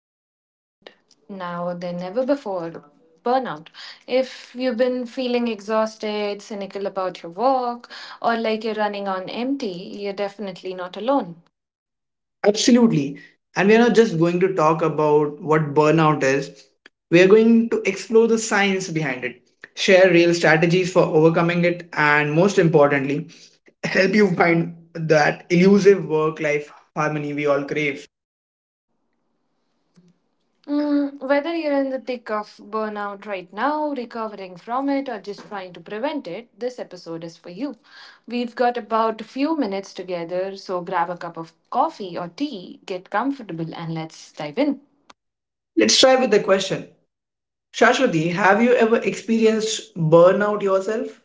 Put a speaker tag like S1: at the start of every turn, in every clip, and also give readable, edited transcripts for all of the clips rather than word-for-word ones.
S1: more relevant now than ever before burnout. If you've been feeling exhausted, cynical about your work, or like you're running on empty, you're definitely not alone.
S2: Absolutely. And we are not just going to talk about what burnout is, we are going to explore the science behind it, share real strategies for overcoming it, and most importantly, help you find that elusive work life harmony we all crave.
S1: Whether you're in the thick of burnout right now, recovering from it, or just trying to prevent it, this episode is for you. We've got about a few minutes together, so grab a cup of coffee or tea, get comfortable, and let's dive in.
S2: Let's try with the question Shashwati, have you ever experienced burnout yourself?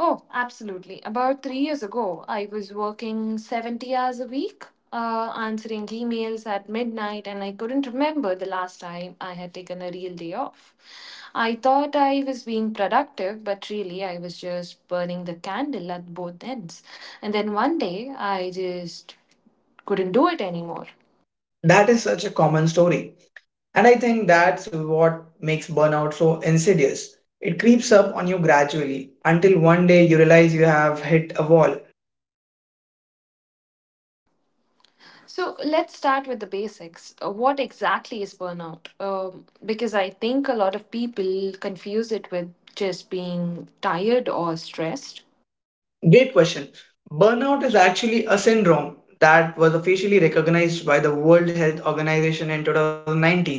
S1: Oh, absolutely. About three years ago, I was working 70 hours a week, answering emails at midnight, and I couldn't remember the last time I had taken a real day off. I thought I was being productive, but really I was just burning the candle at both ends. And then one day, I just couldn't do it anymore.
S2: That is such a common story. And I think that's what makes burnout so insidious. It creeps up on you gradually until one day you realize you have hit a wall.
S1: So let's start with the basics. What exactly is burnout? Because I think a lot of people confuse it with just being tired or stressed.
S2: Great question. Burnout is actually a syndrome that was officially recognized by the World Health Organization in 2019.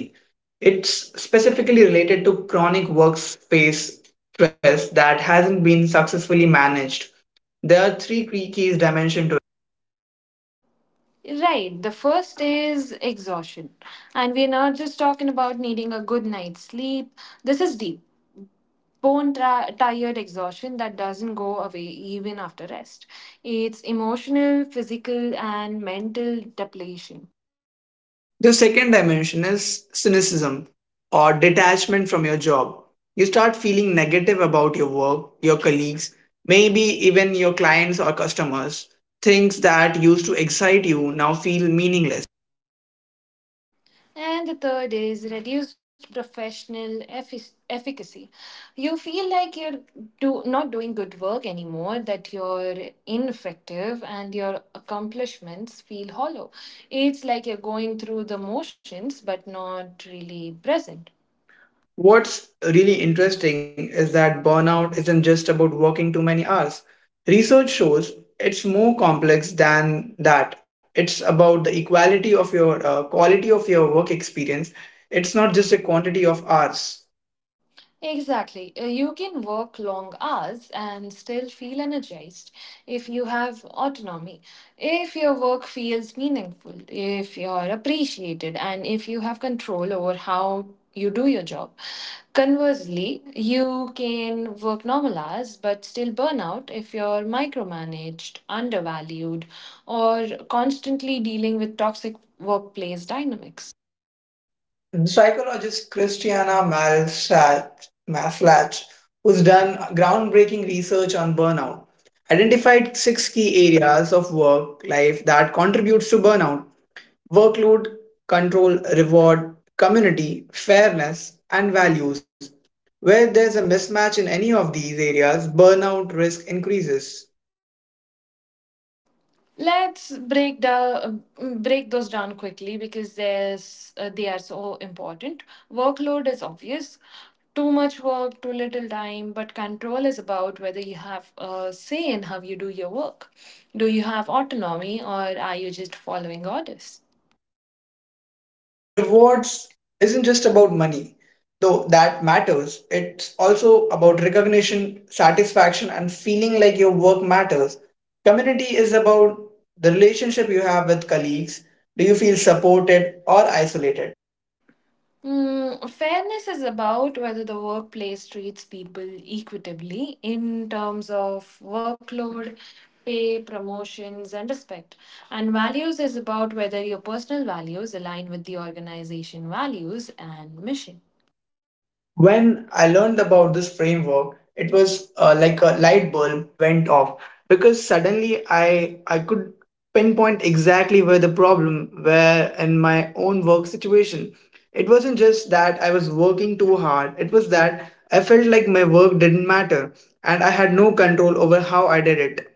S2: It's specifically related to chronic workspace stress that hasn't been successfully managed. There are three key keys dimension to
S1: Right. The first is exhaustion. And we're not just talking about needing a good night's sleep. This is deep. Bone tired exhaustion that doesn't go away even after rest. It's emotional, physical, and mental depletion.
S2: the second dimension is cynicism or detachment from your job. You start feeling negative about your work, your colleagues, maybe even your clients or customers. Things that used to excite you now feel meaningless.
S1: And the third is reduced professional efficacy. You feel like you're not doing good work anymore, that you're ineffective, and your accomplishments feel hollow. It's like you're going through the motions but not really present.
S2: What's really interesting is that burnout isn't just about working too many hours. Research shows it's more complex than that. It's about the equality of your quality of your work experience. It's not just a quantity of hours.
S1: Exactly. You can work long hours and still feel energized if you have autonomy, if your work feels meaningful, if you're appreciated, and if you have control over how you do your job. Conversely, you can work normal hours but still burn out if you're micromanaged, undervalued, or constantly dealing with toxic workplace dynamics.
S2: The Psychologist Christiana Maslach, Maslach, who's done groundbreaking research on burnout, identified six key areas of work life that contributes to burnout: workload, control, reward, community, fairness, and values. Where there's a mismatch in any of these areas, burnout risk increases.
S1: Let's break down Break those down quickly because there's they are so important. Workload is obvious. Too much work, too little time, but control is about whether you have a say in how you do your work. Do you have autonomy or are you just following orders?
S2: Rewards isn't just about money, though that matters. It's also about recognition, satisfaction, and feeling like your work matters. Community is about the relationship you have with colleagues. Do you feel supported or isolated?
S1: Fairness is about whether the workplace treats people equitably in terms of workload, pay, promotions, and respect. And values is about whether your personal values align with the organization values and mission.
S2: When I learned about this framework, it was like a light bulb went off because suddenly I could pinpoint exactly where the problem were in my own work situation. It wasn't just that I was working too hard. It was that I felt like my work didn't matter and I had no control over how I did it.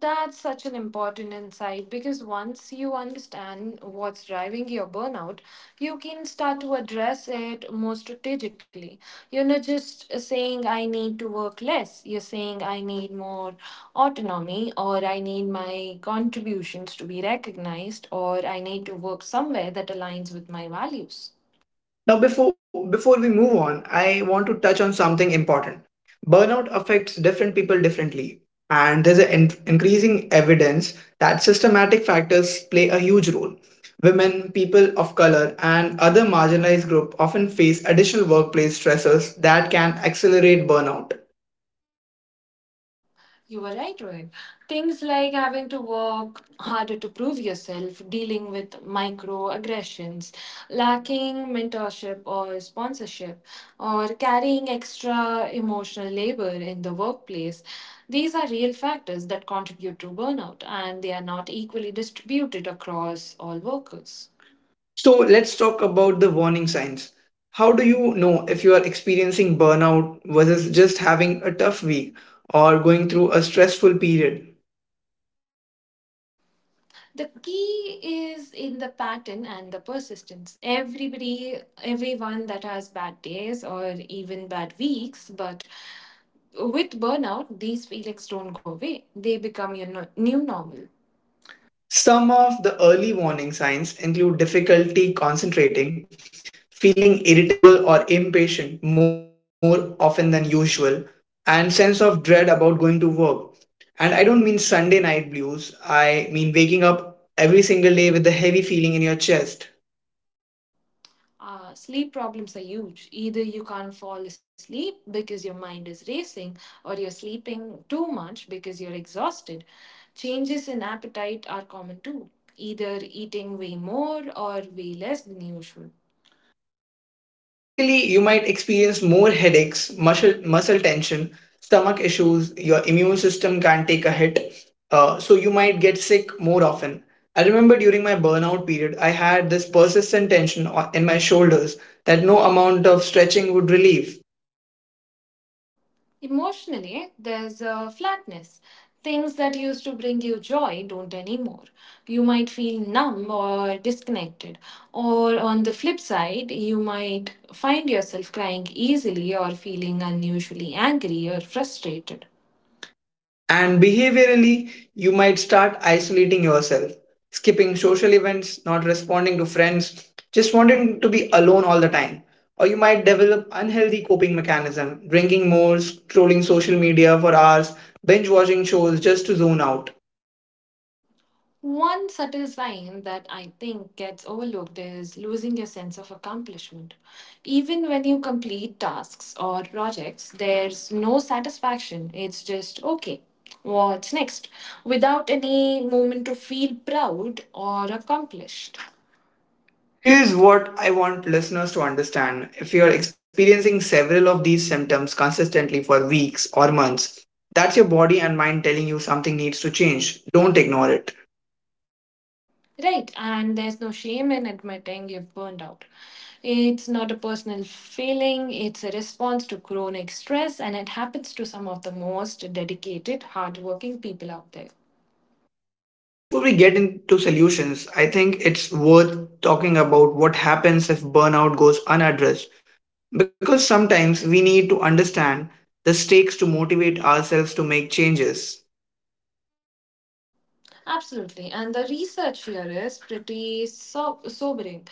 S1: That's such an important insight because once you understand what's driving your burnout, you can start to address it more strategically. You're not just saying, I need to work less. You're saying, I need more autonomy, or I need my contributions to be recognized, or I need to work somewhere that aligns with my values.
S2: Now, before we move on, I want to touch on something important. Burnout affects different people differently, and there's an increasing evidence that systematic factors play a huge role. Women, people of color, and other marginalized groups often face additional workplace stressors that can accelerate burnout.
S1: You were right, Rohit. Things like having to work harder to prove yourself, dealing with microaggressions, lacking mentorship or sponsorship, or carrying extra emotional labor in the workplace. These are real factors that contribute to burnout, and they are not equally distributed across all workers.
S2: So, let's talk about the warning signs. How do you know if you are experiencing burnout versus just having a tough week or going through a stressful period?
S1: The key is in the pattern and the persistence. Everyone that has bad days or even bad weeks, but with burnout, these feelings don't go away. They become your new normal.
S2: Some of the early warning signs include difficulty concentrating, feeling irritable or impatient more often than usual, and sense of dread about going to work. And I don't mean Sunday night blues, I mean waking up every single day with the heavy feeling in your chest.
S1: Sleep problems are huge. Either you can't fall asleep because your mind is racing, or you're sleeping too much because you're exhausted. Changes in appetite are common too, either eating way more or way less than usual.
S2: Physically, you might experience more headaches, muscle tension, stomach issues. Your immune system can't take a hit, so you might get sick more often. I remember during my burnout period, I had this persistent tension in my shoulders that no amount of stretching would relieve.
S1: Emotionally, there's a flatness. Things that used to bring you joy don't anymore. You might feel numb or disconnected. Or on the flip side, you might find yourself crying easily or feeling unusually angry or frustrated.
S2: And behaviorally, you might start isolating yourself, skipping social events, not responding to friends, just wanting to be alone all the time. Or you might develop unhealthy coping mechanism, drinking more, scrolling social media for hours, binge watching shows just to zone out.
S1: One subtle sign that I think gets overlooked is losing your sense of accomplishment. Even when you complete tasks or projects, there's no satisfaction. It's just, okay, what's next? Without any moment to feel proud or accomplished.
S2: Here's what I want listeners to understand. If you're experiencing several of these symptoms consistently for weeks or months, that's your body and mind telling you something needs to change. Don't ignore it.
S1: Right, and there's no shame in admitting you've burned out. It's not a personal feeling, it's a response to chronic stress, and it happens to some of the most dedicated, hardworking people out there.
S2: Before we get into solutions, I think it's worth talking about what happens if burnout goes unaddressed. Because sometimes we need to understand the stakes to motivate ourselves to make changes.
S1: Absolutely. And the research here is pretty sobering.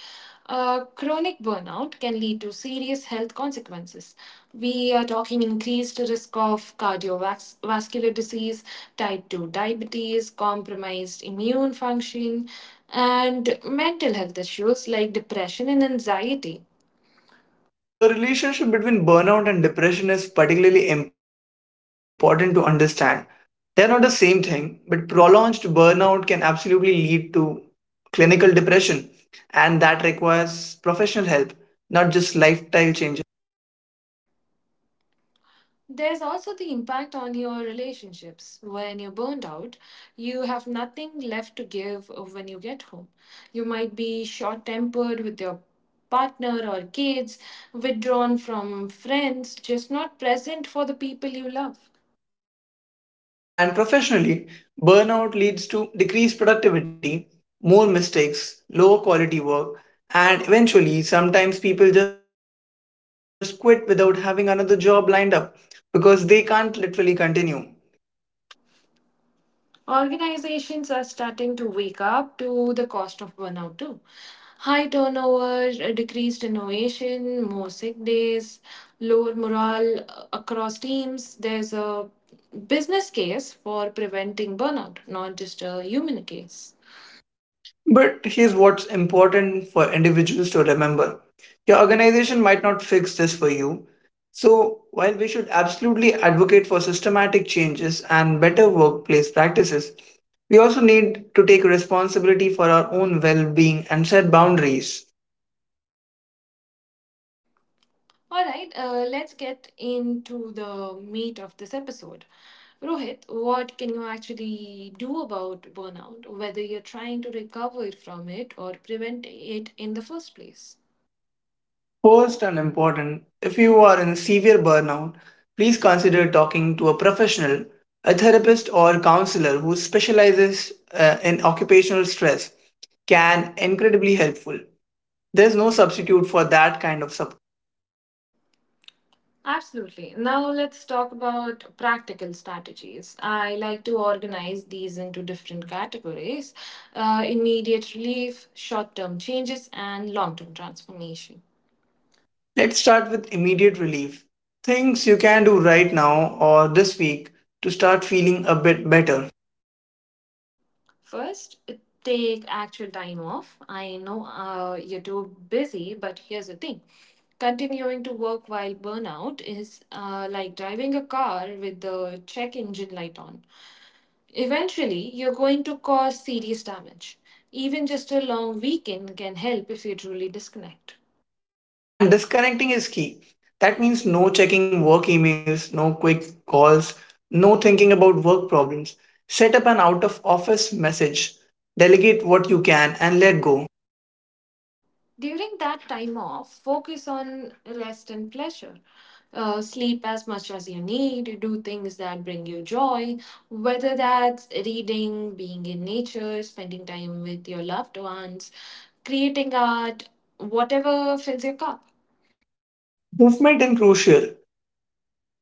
S1: Chronic burnout can lead to serious health consequences. We are talking increased risk of cardiovascular disease, type 2 diabetes, compromised immune function, and mental health issues like depression and anxiety.
S2: The relationship between burnout and depression is particularly important to understand. They are not the same thing, but prolonged burnout can absolutely lead to clinical depression, and that requires professional help, not just lifestyle changes.
S1: There's also the impact on your relationships. When you're burned out, you have nothing left to give when you get home. You might be short tempered with your partner or kids, withdrawn from friends, just not present for the people you love.
S2: And professionally, burnout leads to decreased productivity, more mistakes, lower quality work, and eventually, sometimes people just quit without having another job lined up because they can't literally continue.
S1: Organizations are starting to wake up to the cost of burnout too. High turnover, decreased innovation, more sick days, lower morale across teams. There's a business case for preventing burnout, not just a human case.
S2: But here's what's important for individuals to remember, your organization might not fix this for you. So, while we should absolutely advocate for systematic changes and better workplace practices, we also need to take responsibility for our own well being and set boundaries.
S1: All right, let's get into the meat of this episode. Rohit, what can you actually do about burnout, whether you're trying to recover from it or prevent it in the first place?
S2: First and important, if you are in severe burnout, please consider talking to a professional, a therapist, or counselor who specializes in occupational stress can incredibly helpful. There's no substitute for that kind of support.
S1: Absolutely. Now let's talk about practical strategies. I like to organize these into different categories, immediate relief, short term changes, and long term transformation.
S2: Let's start with immediate relief. Things you can do right now or this week to start feeling a bit better.
S1: First, take actual time off. I know you're too busy, but here's the thing continuing to work while burnout is like driving a car with the check engine light on. Eventually, you're going to cause serious damage. Even just a long weekend can help if you truly disconnect.
S2: And disconnecting is key. That means no checking work emails, no quick calls, no thinking about work problems. Set up an out of office message. Delegate what you can and let go.
S1: During that time off, focus on rest and pleasure. Sleep as much as you need, do things that bring you joy, whether that's reading, being in nature, spending time with your loved ones, creating art, whatever fills your cup.
S2: Movement is crucial.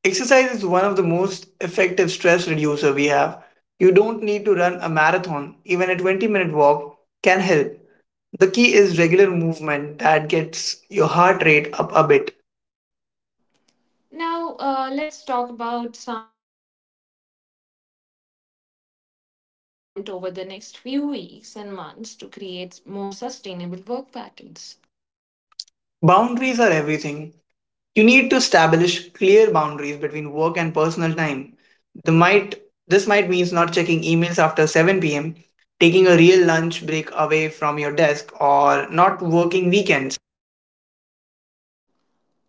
S2: Exercise is one of the most effective stress reducer we have. You don't need to run a marathon. Even a 20-minute walk can help. The key is regular movement that gets your heart rate up a bit.
S1: Now, let's talk about some short term changes. Things you can implement over the next few weeks and months to create more sustainable work patterns.
S2: Boundaries are everything. You need to establish clear boundaries between work and personal time. The might This might mean not checking emails after 7 p.m., taking a real lunch break away from your desk or not working weekends.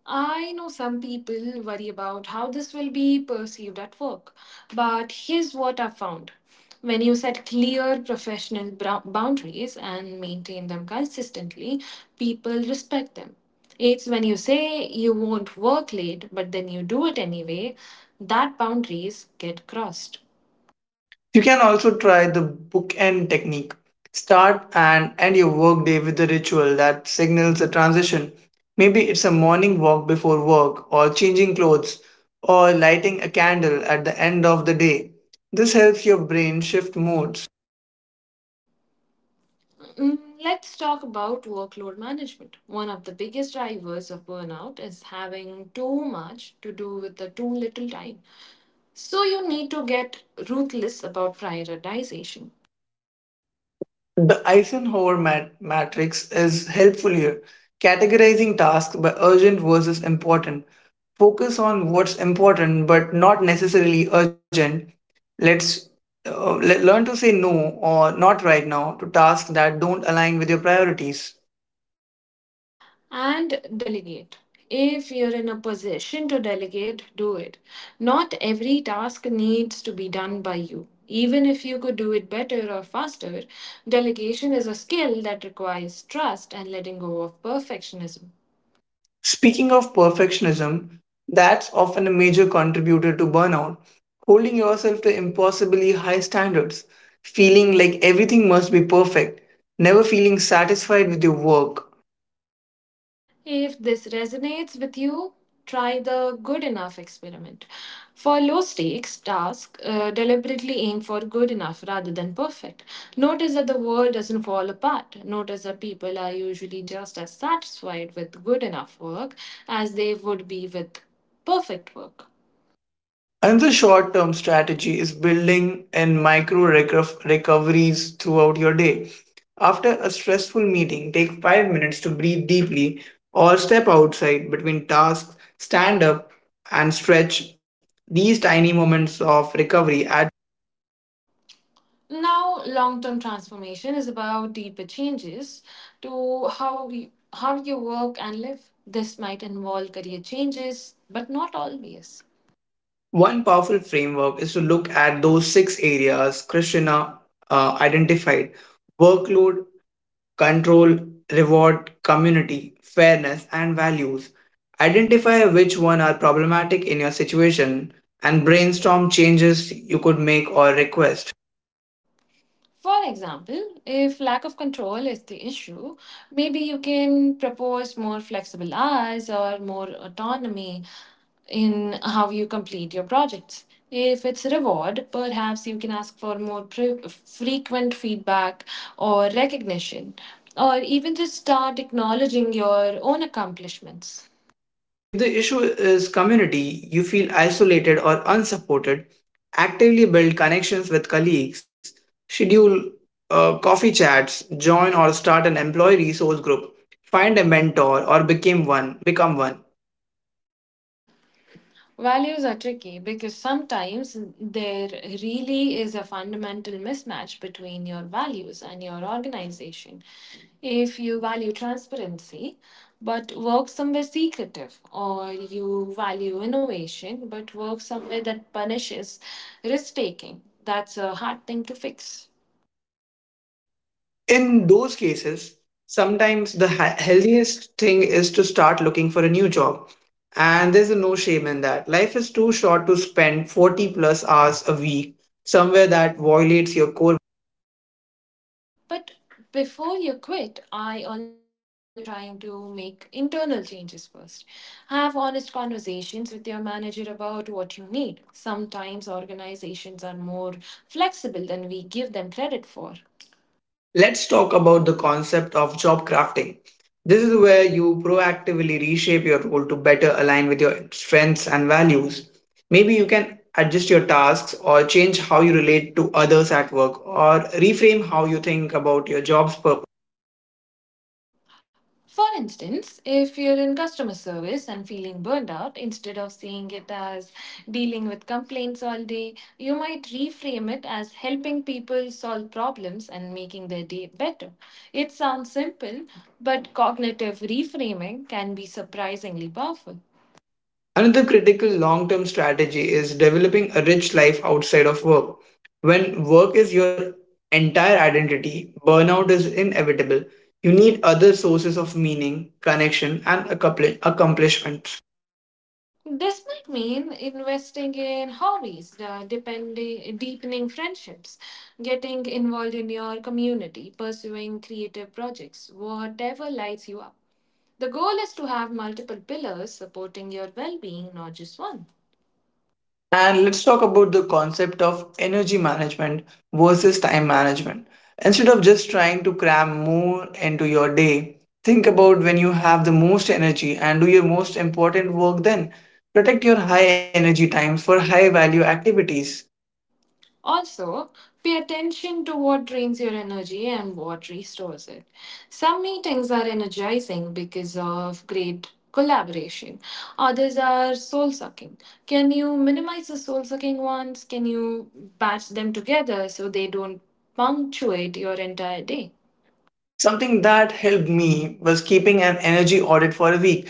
S1: I know some people worry about how this will be perceived at work, but here's what I've found. When you set clear professional boundaries and maintain them consistently, people respect them. It's when you say you won't work late, but then you do it anyway, that boundaries get crossed.
S2: You can also try the bookend technique. Start and end your workday with a ritual that signals a transition. Maybe it's a morning walk before work, or changing clothes, or lighting a candle at the end of the day. This helps your brain shift modes.
S1: Mm, Let's talk about workload management. One of the biggest drivers of burnout is having too much to do with the too little time. So you need to get ruthless about prioritization
S2: The Eisenhower matrix is helpful here, categorizing tasks by urgent versus important. Focus on what's important but not necessarily urgent. Let's learn to say no or not right now to tasks that don't align with your priorities.
S1: and delegate. If you're in a position to delegate, do it. Not every task needs to be done by you. Even if you could do it better or faster, delegation is a skill that requires trust and letting go of perfectionism.
S2: Speaking of perfectionism, that's often a major contributor to burnout. Holding yourself to impossibly high standards, feeling like everything must be perfect, never feeling satisfied with your work.
S1: If this resonates with you, try the good enough experiment. For low stakes tasks, deliberately aim for good enough rather than perfect. Notice that the world doesn't fall apart. Notice that people are usually just as satisfied with good enough work as they would be with perfect work.
S2: Another short term strategy is building in micro recoveries throughout your day. After a stressful meeting, take 5 minutes to breathe deeply or step outside between tasks, stand up, and stretch. These tiny moments of recovery add.
S1: Now, long term transformation is about deeper changes to how you work and live. This might involve career changes, but not always.
S2: One powerful framework is to look at those six areas Krishna identified: workload, control, reward, community, fairness, and values. Identify which one are problematic in your situation and brainstorm changes you could make or request.
S1: For example, if lack of control is the issue, maybe you can propose more flexible hours or more autonomy in how you complete your projects. If it's reward, perhaps you can ask for more frequent feedback or recognition, or even just start acknowledging your own accomplishments.
S2: If the issue is community, you feel isolated or unsupported, actively build connections with colleagues, schedule coffee chats, join or start an employee resource group, find a mentor or become one.
S1: Values are tricky because sometimes there really is a fundamental mismatch between your values and your organization. If you value transparency but work somewhere secretive, or you value innovation but work somewhere that punishes risk taking, that's a hard thing to fix.
S2: In those cases, sometimes the healthiest thing is to start looking for a new job. And there's a no shame in that. Life is too short to spend 40 plus hours a week somewhere that violates your core.
S1: But before you quit, I always recommend trying to make internal changes first. Have honest conversations with your manager about what you need. Sometimes organizations are more flexible than we give them credit for.
S2: Let's talk about the concept of job crafting. This is where you proactively reshape your role to better align with your strengths and values. Maybe you can adjust your tasks or change how you relate to others at work or reframe how you think about your job's purpose.
S1: For instance, if you're in customer service and feeling burned out, instead of seeing it as dealing with complaints all day, you might reframe it as helping people solve problems and making their day better. It sounds simple, but cognitive reframing can be surprisingly powerful.
S2: Another critical long term strategy is developing a rich life outside of work. When work is your entire identity, burnout is inevitable. You need other sources of meaning, connection, and accomplishment.
S1: This might mean investing in hobbies, deepening friendships, getting involved in your community, pursuing creative projects, whatever lights you up. The goal is to have multiple pillars supporting your well being, not just one.
S2: And let's talk about the concept of energy management versus time management. Instead of just trying to cram more into your day, think about when you have the most energy and do your most important work then. Protect your high energy times for high value activities.
S1: Also, pay attention to what drains your energy and what restores it. Some meetings are energizing because of great collaboration, others are soul sucking. Can you minimize the soul sucking ones? Can you batch them together so they don't punctuate your entire day?
S2: Something that helped me was keeping an energy audit for a week.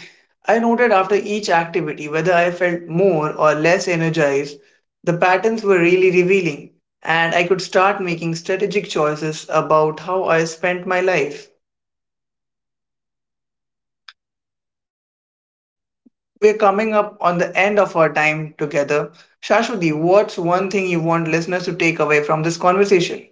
S2: I noted after each activity whether I felt more or less energized. The patterns were really revealing, and I could start making strategic choices about how I spent my life. We're coming up on the end of our time together. Shashwati, what's one thing you want listeners to take away from this conversation?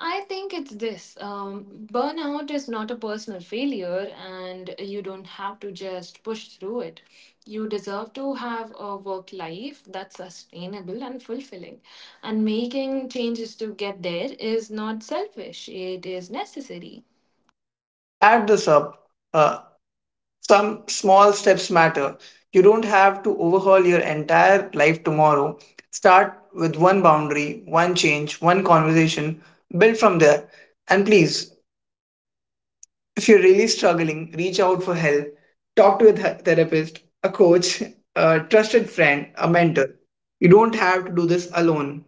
S1: I think it's this, burnout is not a personal failure, and you don't have to just push through it. You deserve to have a work life that's sustainable and fulfilling. And making changes to get there is not selfish, it is necessary.
S2: I'll add this up. Uh, some small steps matter. You don't have to overhaul your entire life tomorrow. Start with one boundary, one change, one conversation, build from there. And please, if you're really struggling, reach out for help. Talk to a therapist, a coach, a trusted friend, a mentor. You don't have to do this alone.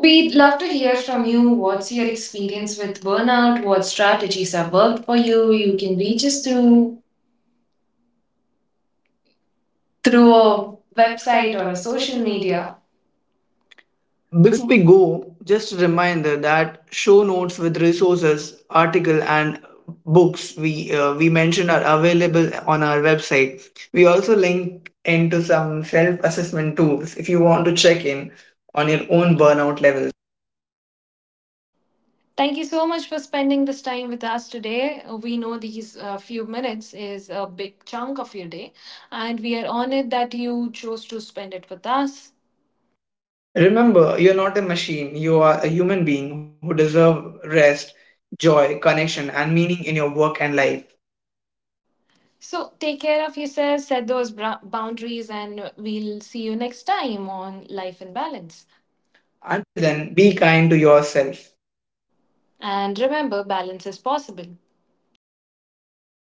S2: We'd love
S1: love
S2: to
S1: to
S2: hear
S1: hear
S2: from
S1: from
S2: you.
S1: you. What's
S2: What's your
S1: your experience
S2: experience with
S1: with burnout?
S2: burnout? What
S1: What
S2: strategies
S1: strategies
S2: have
S1: have worked
S2: worked for
S1: for
S2: you?
S1: you? You
S2: You
S1: can
S2: can reach
S1: reach us
S2: us
S1: through
S2: through through
S1: through a
S2: a website
S1: website
S2: or
S1: or a
S2: a
S1: social
S2: social
S1: media.
S2: media. Before we go, just a reminder that show notes with resources, article, and books we mentioned are available on our website. We also link into some self-assessment tools if you want to check in on your own burnout level.
S1: Thank you so much for spending this time with us today. We know these few minutes is a big chunk of your day, and we are honored that you chose to spend it with us.
S2: Remember, you're not a machine. You are a human being who deserve rest, joy, connection, and meaning in your work and life.
S1: So take care of yourself, set those boundaries, and we'll see you next time on Life in Balance. And
S2: Until then, be kind to yourself.
S1: and remember, balance is possible. Take care.